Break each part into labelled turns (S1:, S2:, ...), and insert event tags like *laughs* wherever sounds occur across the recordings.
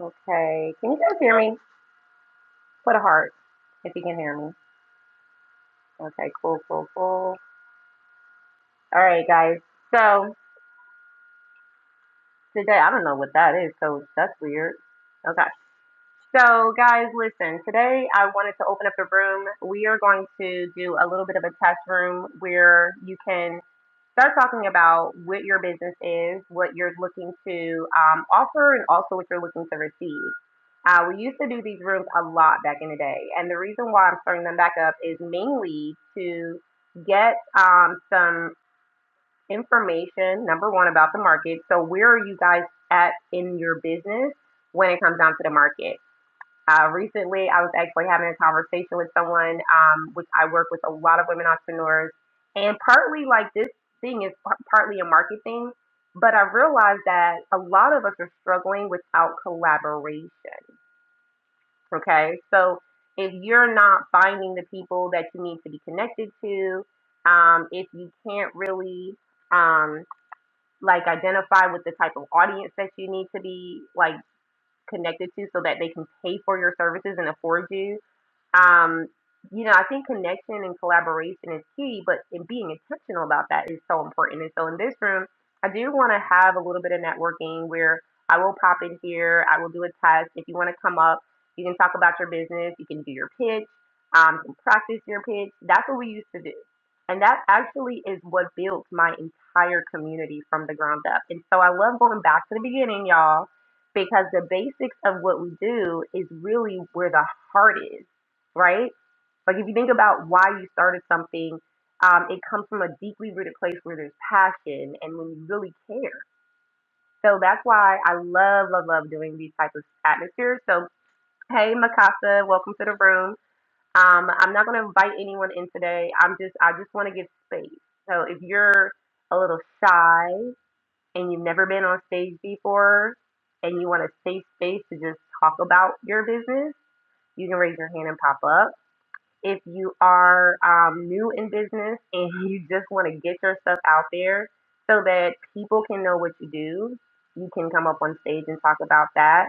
S1: Okay. Can you guys hear me? Put a heart if you can hear me. Okay, cool, cool, cool. All right, guys. So today, I don't know what that is, so that's weird. Okay. So, guys, listen, today I wanted to open up the room. We are going to do a little bit of a test room where you can. start talking about what your business is, what you're looking to um, offer, and also what you're looking to receive. Uh, we used to do these rooms a lot back in the day, and the reason why I'm starting them back up is mainly to get um, some information. Number one about the market. So where are you guys at in your business when it comes down to the market? Uh, recently, I was actually having a conversation with someone, um, which I work with a lot of women entrepreneurs, and partly like this thing is par- partly a market thing, but I realized that a lot of us are struggling without collaboration. Okay, so if you're not finding the people that you need to be connected to, um, if you can't really um, like identify with the type of audience that you need to be like connected to, so that they can pay for your services and afford you um, you know, I think connection and collaboration is key, but in being intentional about that is so important. And so in this room, I do want to have a little bit of networking where I will pop in here, I will do a test. If you want to come up, you can talk about your business, you can do your pitch, um, you can practice your pitch. That's what we used to do. And that actually is what built my entire community from the ground up. And so I love going back to the beginning, y'all, because the basics of what we do is really where the heart is right? Like if you think about why you started something, um, it comes from a deeply rooted place where there's passion and when you really care. So that's why I love, love, love doing these types of atmospheres. So hey Mikasa, welcome to the room. Um, I'm not gonna invite anyone in today. I'm just I just wanna give space. So if you're a little shy and you've never been on stage before and you want a safe space to just talk about your business, you can raise your hand and pop up if you are um, new in business and you just want to get your stuff out there so that people can know what you do, you can come up on stage and talk about that.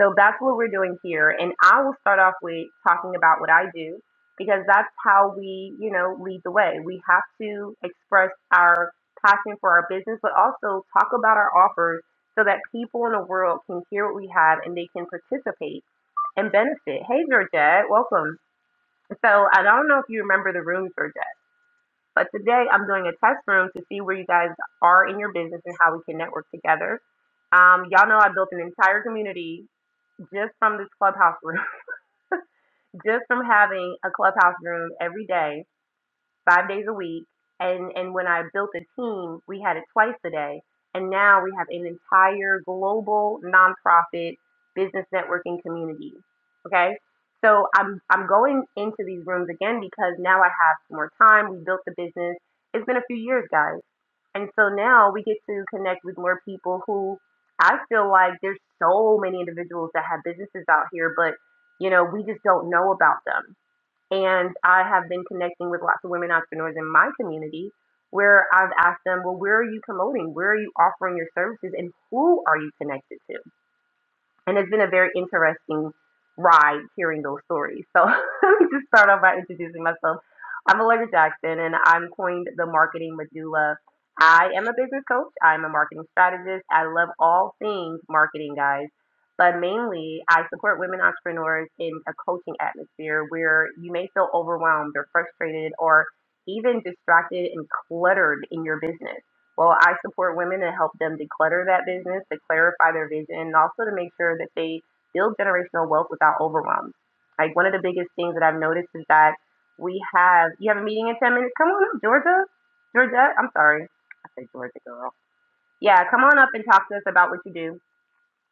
S1: So that's what we're doing here. And I will start off with talking about what I do because that's how we, you know, lead the way. We have to express our passion for our business, but also talk about our offers so that people in the world can hear what we have and they can participate and benefit. Hey, Georgette, welcome. So I don't know if you remember the rooms or just, but today I'm doing a test room to see where you guys are in your business and how we can network together. Um, y'all know I built an entire community just from this clubhouse room, *laughs* just from having a clubhouse room every day five days a week. And and when I built a team, we had it twice a day. And now we have an entire global nonprofit business networking community. Okay. So I'm I'm going into these rooms again because now I have more time. We built the business. It's been a few years, guys. And so now we get to connect with more people who I feel like there's so many individuals that have businesses out here, but you know, we just don't know about them and I have been connecting with lots of women entrepreneurs in my community where I've asked them, well, where are you promoting? Where are you offering your services? And who are you connected to? and it's been a very interesting ride hearing those stories. So *laughs* let me just start off by introducing myself. I'm Allegra Jackson, and I'm coined the marketing medulla. I am a business coach. I'm a marketing strategist. I love all things marketing, guys. But mainly, I support women entrepreneurs in a coaching atmosphere where you may feel overwhelmed or frustrated or even distracted and cluttered in your business. Well, I support women to help them declutter that business, to clarify their vision, and also to make sure that they build generational wealth without overwhelm. Like one of the biggest things that I've noticed is that we have you have a meeting in ten minutes. Come on up, Georgia. Georgia, I'm sorry. I said Georgia girl. Yeah, come on up and talk to us about what you do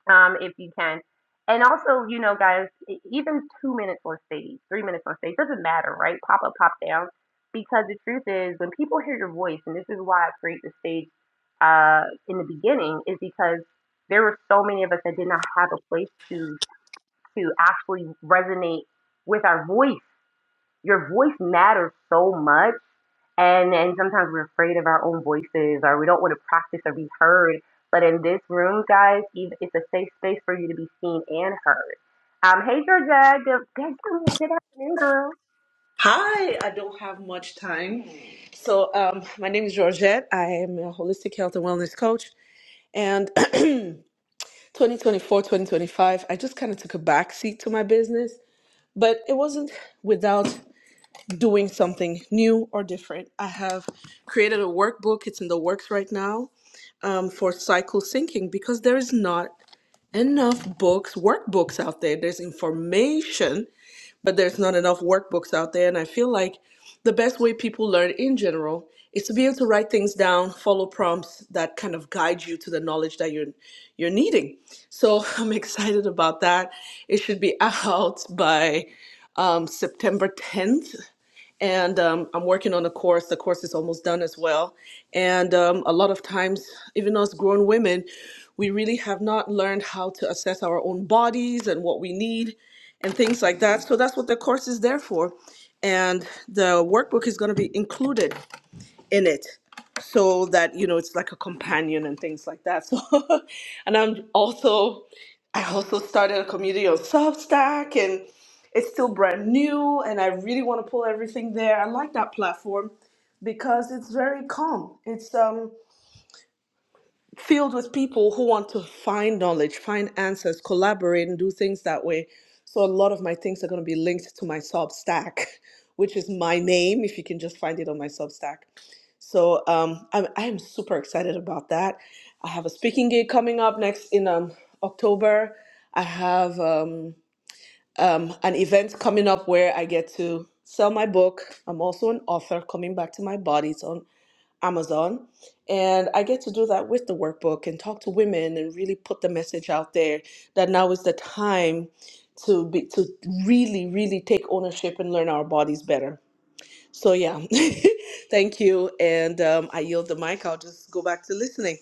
S1: um, if you can. And also, you know, guys, e- even two minutes on stage, three minutes on stage doesn't matter, right? Pop up, pop down, because the truth is, when people hear your voice, and this is why I create the stage uh, in the beginning, is because there were so many of us that did not have a place to to actually resonate with our voice. Your voice matters so much and and sometimes we're afraid of our own voices or we don't want to practice or be heard but in this room guys ev- it's a safe space for you to be seen and heard um hey georgia good, good, good afternoon girl
S2: Hi, I don't have much time. So, um, my name is Georgette. I am a holistic health and wellness coach. And *clears throat* 2024, 2025, I just kind of took a backseat to my business, but it wasn't without doing something new or different. I have created a workbook, it's in the works right now um, for cycle syncing because there is not enough books, workbooks out there. There's information, but there's not enough workbooks out there. And I feel like the best way people learn in general is to be able to write things down, follow prompts that kind of guide you to the knowledge that you're you're needing. So *laughs* I'm excited about that. It should be *laughs* out by um, September 10th and um, I'm working on a course. The course is almost done as well. And um, a lot of times, even us grown women, we really have not learned how to assess our own bodies and what we need and things like that. So that's what the course is there for. And the workbook is going to be included in it so that you know it's like a companion and things like that so *laughs* and i'm also i also started a community on substack and it's still brand new and i really want to pull everything there i like that platform because it's very calm it's um filled with people who want to find knowledge, find answers, collaborate, and do things that way. So a lot of my things are going to be linked to my Substack, *laughs* which is my name, if you can just find it on my Substack. So um, I'm, I'm super excited about that. I have a speaking gig coming up next in um, October. I have um, um, an event coming up where I get to sell my book. I'm also an author coming back to my body. It's on Amazon. And I get to do that with the workbook and talk to women and really put the message out there that now is the time to be to really, really take ownership and learn our bodies better. So yeah. *laughs* Thank you. And um, I yield the mic. I'll just go back to listening.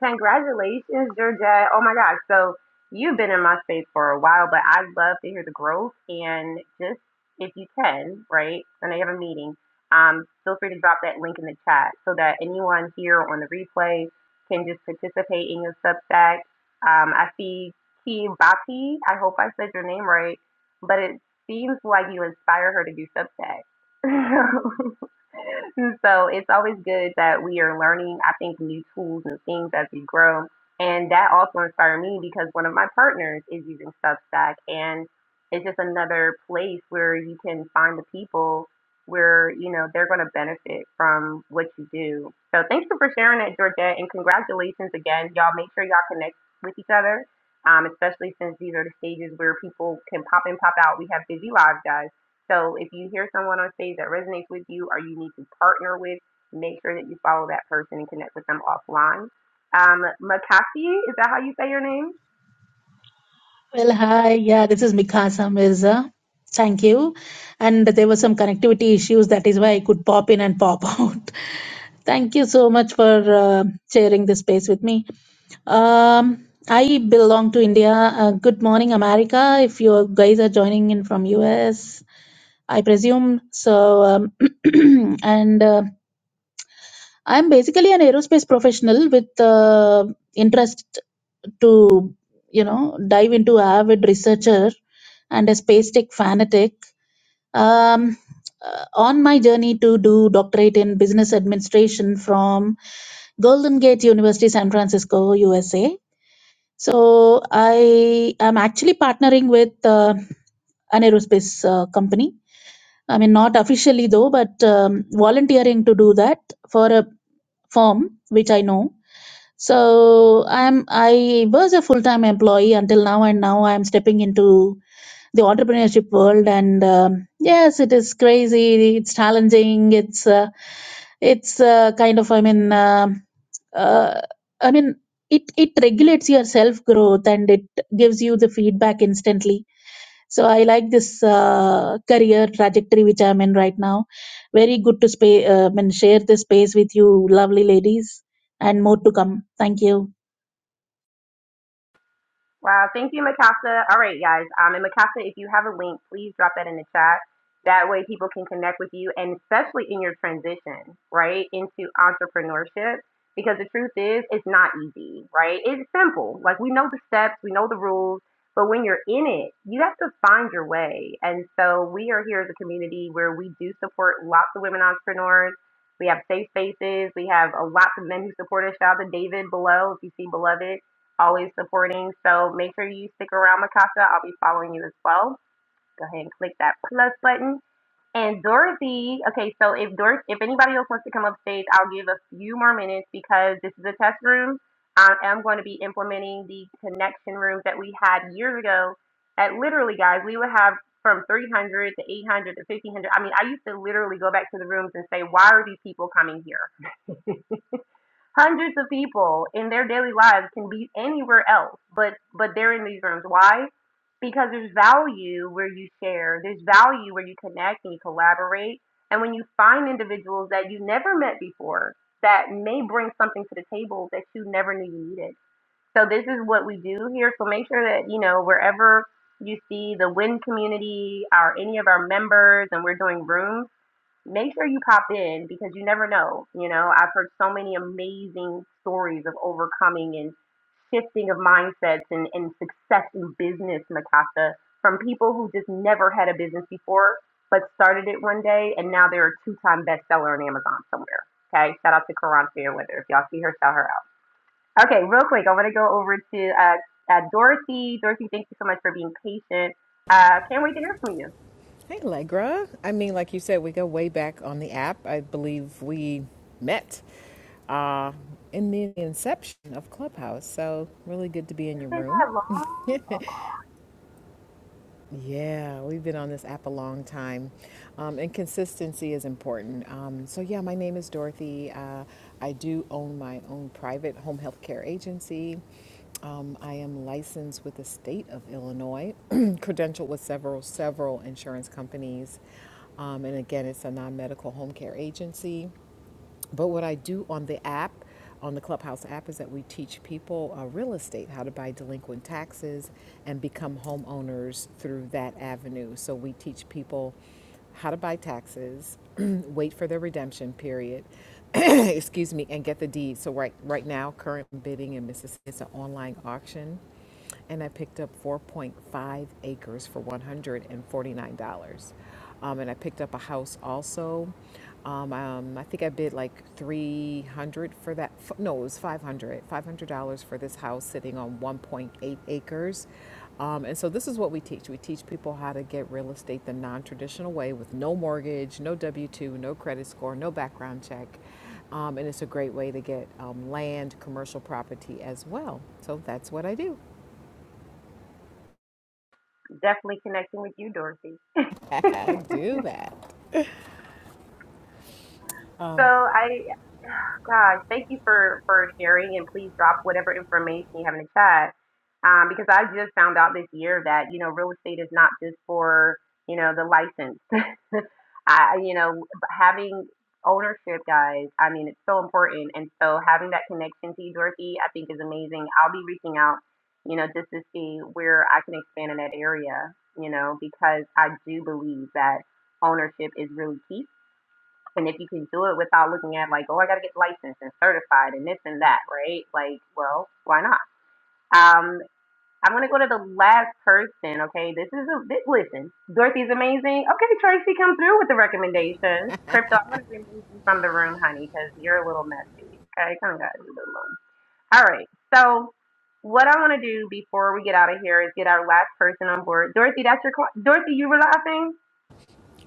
S1: Congratulations, Georgette. Oh my gosh. So you've been in my space for a while, but I'd love to hear the growth and just if you can, right? When I have a meeting, um, feel free to drop that link in the chat so that anyone here on the replay can just participate in your Substack. Um, I see Kibati. I hope I said your name right, but it seems like you inspire her to do Substack. *laughs* *laughs* so it's always good that we are learning, I think, new tools and things as we grow. And that also inspired me because one of my partners is using Substack. And it's just another place where you can find the people where, you know, they're going to benefit from what you do. So thank you for sharing that, Georgette. And congratulations again. Y'all make sure y'all connect with each other, um, especially since these are the stages where people can pop in, pop out. We have busy lives, guys. So if you hear someone on stage that resonates with you or you need to partner with, make sure that you follow that person and connect with them offline. Um, Makasi, is that how you say your name?
S3: Well, hi. Yeah, this is Mikasa Mirza. Thank you. And there were some connectivity issues. That is why I could pop in and pop *laughs* out. Thank you so much for uh, sharing this space with me. Um, I belong to India. Uh, good morning, America. If you guys are joining in from US, I presume so. Um, *clears throat* and uh, I'm basically an aerospace professional with uh, interest to you know dive into avid researcher and a space tech fanatic um, uh, on my journey to do doctorate in business administration from golden gate university san francisco usa so i am actually partnering with uh, an aerospace uh, company i mean not officially though but um, volunteering to do that for a firm which i know so I'm I was a full time employee until now, and now I'm stepping into the entrepreneurship world. And um, yes, it is crazy. It's challenging. It's uh, it's uh, kind of I mean um uh, I mean it it regulates your self growth and it gives you the feedback instantly. So I like this uh, career trajectory which I'm in right now. Very good to spa- uh, I mean, share this space with you, lovely ladies, and more to come. Thank you.
S1: Wow, thank you, Mikasa. All right, guys. Um, and Mikasa, if you have a link, please drop that in the chat. That way, people can connect with you, and especially in your transition, right, into entrepreneurship. Because the truth is, it's not easy, right? It's simple. Like we know the steps, we know the rules, but when you're in it, you have to find your way. And so we are here as a community where we do support lots of women entrepreneurs. We have safe spaces. We have a lots of men who support us. Shout out to David below if you see beloved always supporting. So make sure you stick around, Mikasa. I'll be following you as well. Go ahead and click that plus button. And Dorothy, okay, so if Dor- if anybody else wants to come up stage, I'll give a few more minutes because this is a test room. I am going to be implementing the connection rooms that we had years ago. At literally, guys, we would have from 300 to 800 to 1500. I mean, I used to literally go back to the rooms and say, why are these people coming here? Hundreds of people in their daily lives can be anywhere else, but but they're in these rooms. Why? Because there's value where you share, there's value where you connect and you collaborate. And when you find individuals that you never met before that may bring something to the table that you never knew you needed. So this is what we do here. So make sure that, you know, wherever you see the WIN community or any of our members and we're doing rooms make sure you pop in because you never know. You know, I've heard so many amazing stories of overcoming and shifting of mindsets and, and success in business, Nakasha, from people who just never had a business before but started it one day and now they're a two time bestseller on Amazon somewhere. Okay, shout out to Karan Fairweather. If y'all see her, shout her out. Okay, real quick, I want to go over to uh, uh, Dorothy. Dorothy, thank you so much for being patient. Uh, can't wait to hear from you.
S4: Hey, Allegra. I mean, like you said, we go way back on the app. I believe we met uh, in the inception of Clubhouse. So, really good to be in
S1: It's
S4: your
S1: been
S4: room.
S1: that long.
S4: *laughs*
S1: Oh,
S4: Yeah, we've been on this app a long time, um, and consistency is important. Um, so, yeah, my name is Dorothy. Uh, I do own my own private home health care agency. Um, I am licensed with the state of Illinois, *clears throat* credentialed with several several insurance companies, um, and again, it's a non medical home care agency. But what I do on the app, on the Clubhouse app, is that we teach people uh, real estate, how to buy delinquent taxes and become homeowners through that avenue. So we teach people how to buy taxes, *clears throat* wait for their redemption period, *clears throat* excuse me, and get the deed. So right right now, current bidding in Mississippi is an online auction and I picked up 4.5 acres for $149. Um, and I picked up a house also. Um, um, I think I bid like 300 for that. f- No, it was 500. $500 for this house sitting on 1.8 acres. Um, and so this is what we teach. We teach people how to get real estate the non-traditional way with no mortgage, no W-2, no credit score, no background check. Um, and it's a great way to get um, land, commercial property as well. So that's what I do.
S1: Definitely connecting with you, Dorothy. *laughs*
S4: *laughs* do that.
S1: So I God, thank you for for sharing, and please drop whatever information you have in the chat. Um, because I just found out this year that you know real estate is not just for you know the license. *laughs* I you know having ownership, guys. I mean, it's so important, and so having that connection to you, Dorothy, I think is amazing. I'll be reaching out, you know, just to see where I can expand in that area. You know, because I do believe that ownership is really key and if you can do it without looking at like, oh, I got to get licensed and certified and this and that, right? Like, well, why not? Um, I'm gonna go to the last person. Okay, this is a this, listen. Dorothy's amazing. Okay, Tracy, come through with the recommendations. Crypto, I'm gonna remove you from the room, honey, because you're a little messy. Okay, come on, guys, leave it alone. All right, so. What I want to do before we get out of here is get our last person on board. Dorothy, that's your cl- Dorothy. You were laughing.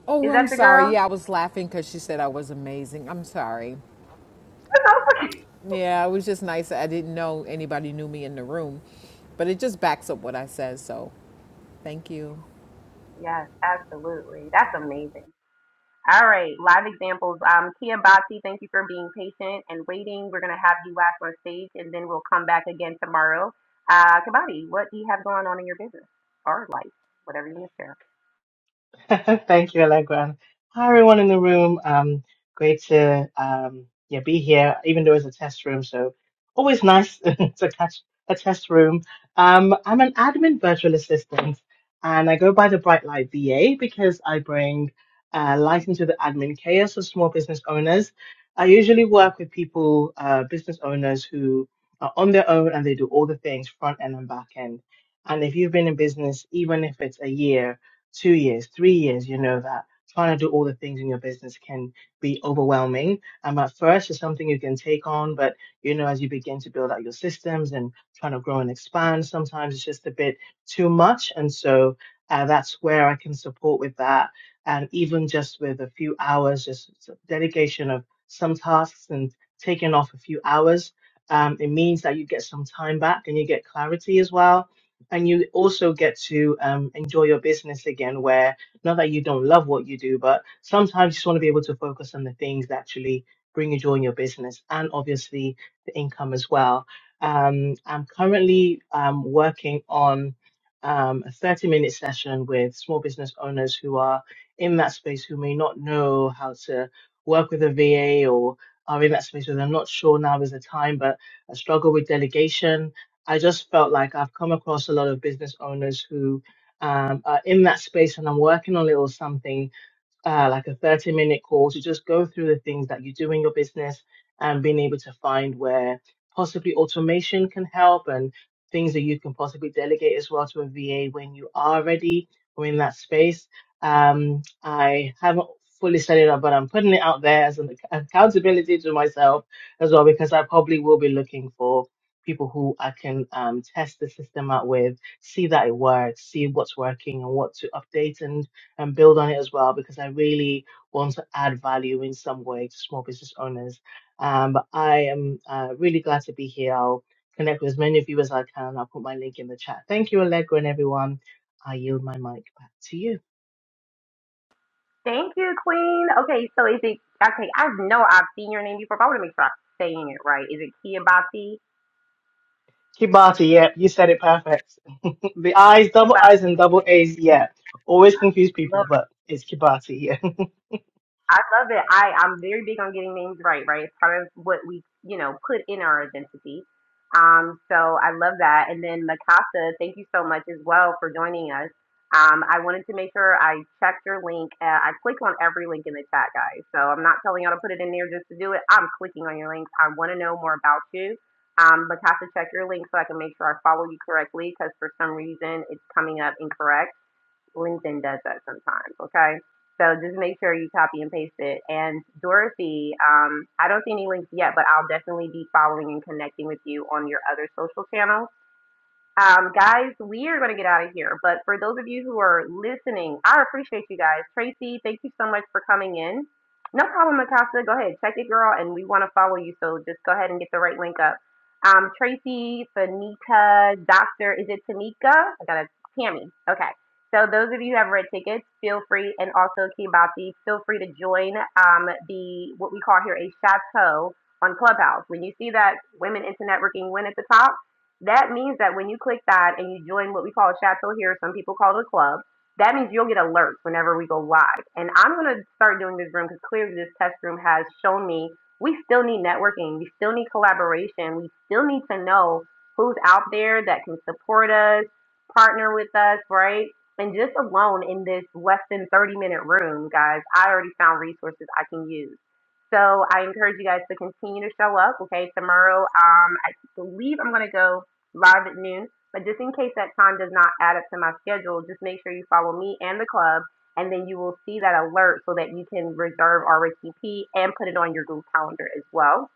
S4: Oh,
S1: Is that
S4: I'm
S1: your girl?
S4: sorry. Yeah, I was laughing because she said I was amazing. I'm sorry.
S1: *laughs*
S4: Yeah, it was just nice. I didn't know anybody knew me in the room, but it just backs up what I said. So, thank you.
S1: Yes, absolutely. That's amazing. All right, live examples. Um, Kia Bhatti, thank you for being patient and waiting. We're going to have you last on stage and then we'll come back again tomorrow. Uh, Kabati, what do you have going on in your business or life, whatever you want to share?
S5: *laughs* Thank you, Allegra. Hi, everyone in the room. Um, great to um, yeah be here, even though it's a test room. So always nice *laughs* to catch a test room. Um, I'm an admin virtual assistant, and I go by the Bright Light VA because I bring uh, light into the admin chaos of small business owners. I usually work with people, uh, business owners who are on their own and they do all the things front end and back end. And if you've been in business, even if it's a year, two years, three years, you know that trying to do all the things in your business can be overwhelming. And at first, it's something you can take on, but you know, as you begin to build out your systems and trying to grow and expand, sometimes it's just a bit too much. And so uh, that's where I can support with that. And even just with a few hours, just s- dedication of some tasks and taking off a few hours, um, it means that you get some time back and you get clarity as well and you also get to um, enjoy your business again where not that you don't love what you do but sometimes you just want to be able to focus on the things that actually bring you joy in your business and obviously the income as well um, i'm currently um, working on um, a 30 minute session with small business owners who are in that space who may not know how to work with a va or are in that space where they're not sure now is the time but I struggle with delegation I just felt like I've come across a lot of business owners who um, are in that space and I'm working on a little something uh, like a 30 minute call to just go through the things that you do in your business and being able to find where possibly automation can help and things that you can possibly delegate as well to a VA when you are ready or in that space. Um, I haven't fully set it up, but I'm putting it out there as an ac- accountability to myself as well because I probably will be looking for people who I can um, test the system out with, see that it works, see what's working and what to update and and build on it as well because I really want to add value in some way to small business owners. Um, but I am uh, really glad to be here. I'll connect with as many of you as I can. I'll put my link in the chat. Thank you, Allegra and everyone. I yield my mic back to you.
S1: Thank you, Queen. Okay, so is it, okay, I know I've seen your name before, but I want to make sure I'm saying it right. Is it Kia Bhatti?
S5: Kibati, yeah, you said it perfect. *laughs* the I's,
S1: Kia
S5: double
S1: Bhatti.
S5: I's, and double A's, yeah. Always confuse people, but it's Kibati,
S1: I love it. I, I'm very big on getting names right, right? It's part of what we, you know, put in our identity. Um, so I love that. And then Mikasa, thank you so much as well for joining us. Um, I wanted to make sure I checked your link. Uh, I click on every link in the chat, guys. So I'm not telling y'all to put it in there just to do it. I'm clicking on your links. I want to know more about you. Um, Mikasa, check your link so I can make sure I follow you correctly because for some reason it's coming up incorrect. LinkedIn does that sometimes, okay? So just make sure you copy and paste it. And Dorothy, um, I don't see any links yet, but I'll definitely be following and connecting with you on your other social channels um, guys, we are going to get out of here. But for those of you who are listening, I appreciate you guys. Tracy, thank you so much for coming in. No problem, Mikasa. Go ahead, check it, girl. And we want to follow you, so just go ahead and get the right link up. Um, Tracy, Tanika, Doctor, is it Tanika? I got a Tammy. Okay. So those of you who have red tickets, feel free, and also Kibati, feel free to join um, the what we call here a chateau on Clubhouse. When you see that Women into Networking win at the top that means that when you click that and you join what we call a chateau here, some people call it a club, that means you'll get alerts whenever we go live. And I'm going to start doing this room because clearly this test room has shown me we still need networking, we still need collaboration, we still need to know who's out there that can support us, partner with us, right? And just alone in this less than 30 minute room, guys, I already found resources I can use. So I encourage you guys to continue to show up. Okay, tomorrow, um, I believe I'm going to go live at noon. But just in case that time does not add up to my schedule, just make sure you follow me and the club, and then you will see that alert so that you can reserve RSVP and put it on your Google Calendar as well.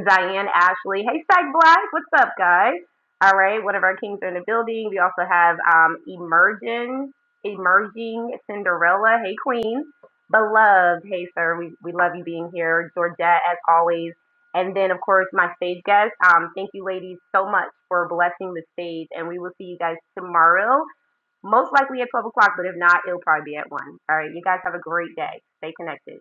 S1: Diane Ashley. Hey, Psych Black. What's up, guys? All right, one of our kings are in the building. We also have um, Emerging, Emerging Cinderella. Hey, Queen. Beloved. Hey, sir. We, we love you being here. Georgette, as always. And then, of course, my stage guest. Um, thank you, ladies, so much for blessing the stage. And we will see you guys tomorrow, most likely at 12 o'clock, but if not, it'll probably be at 1. All right, you guys have a great day. Stay connected.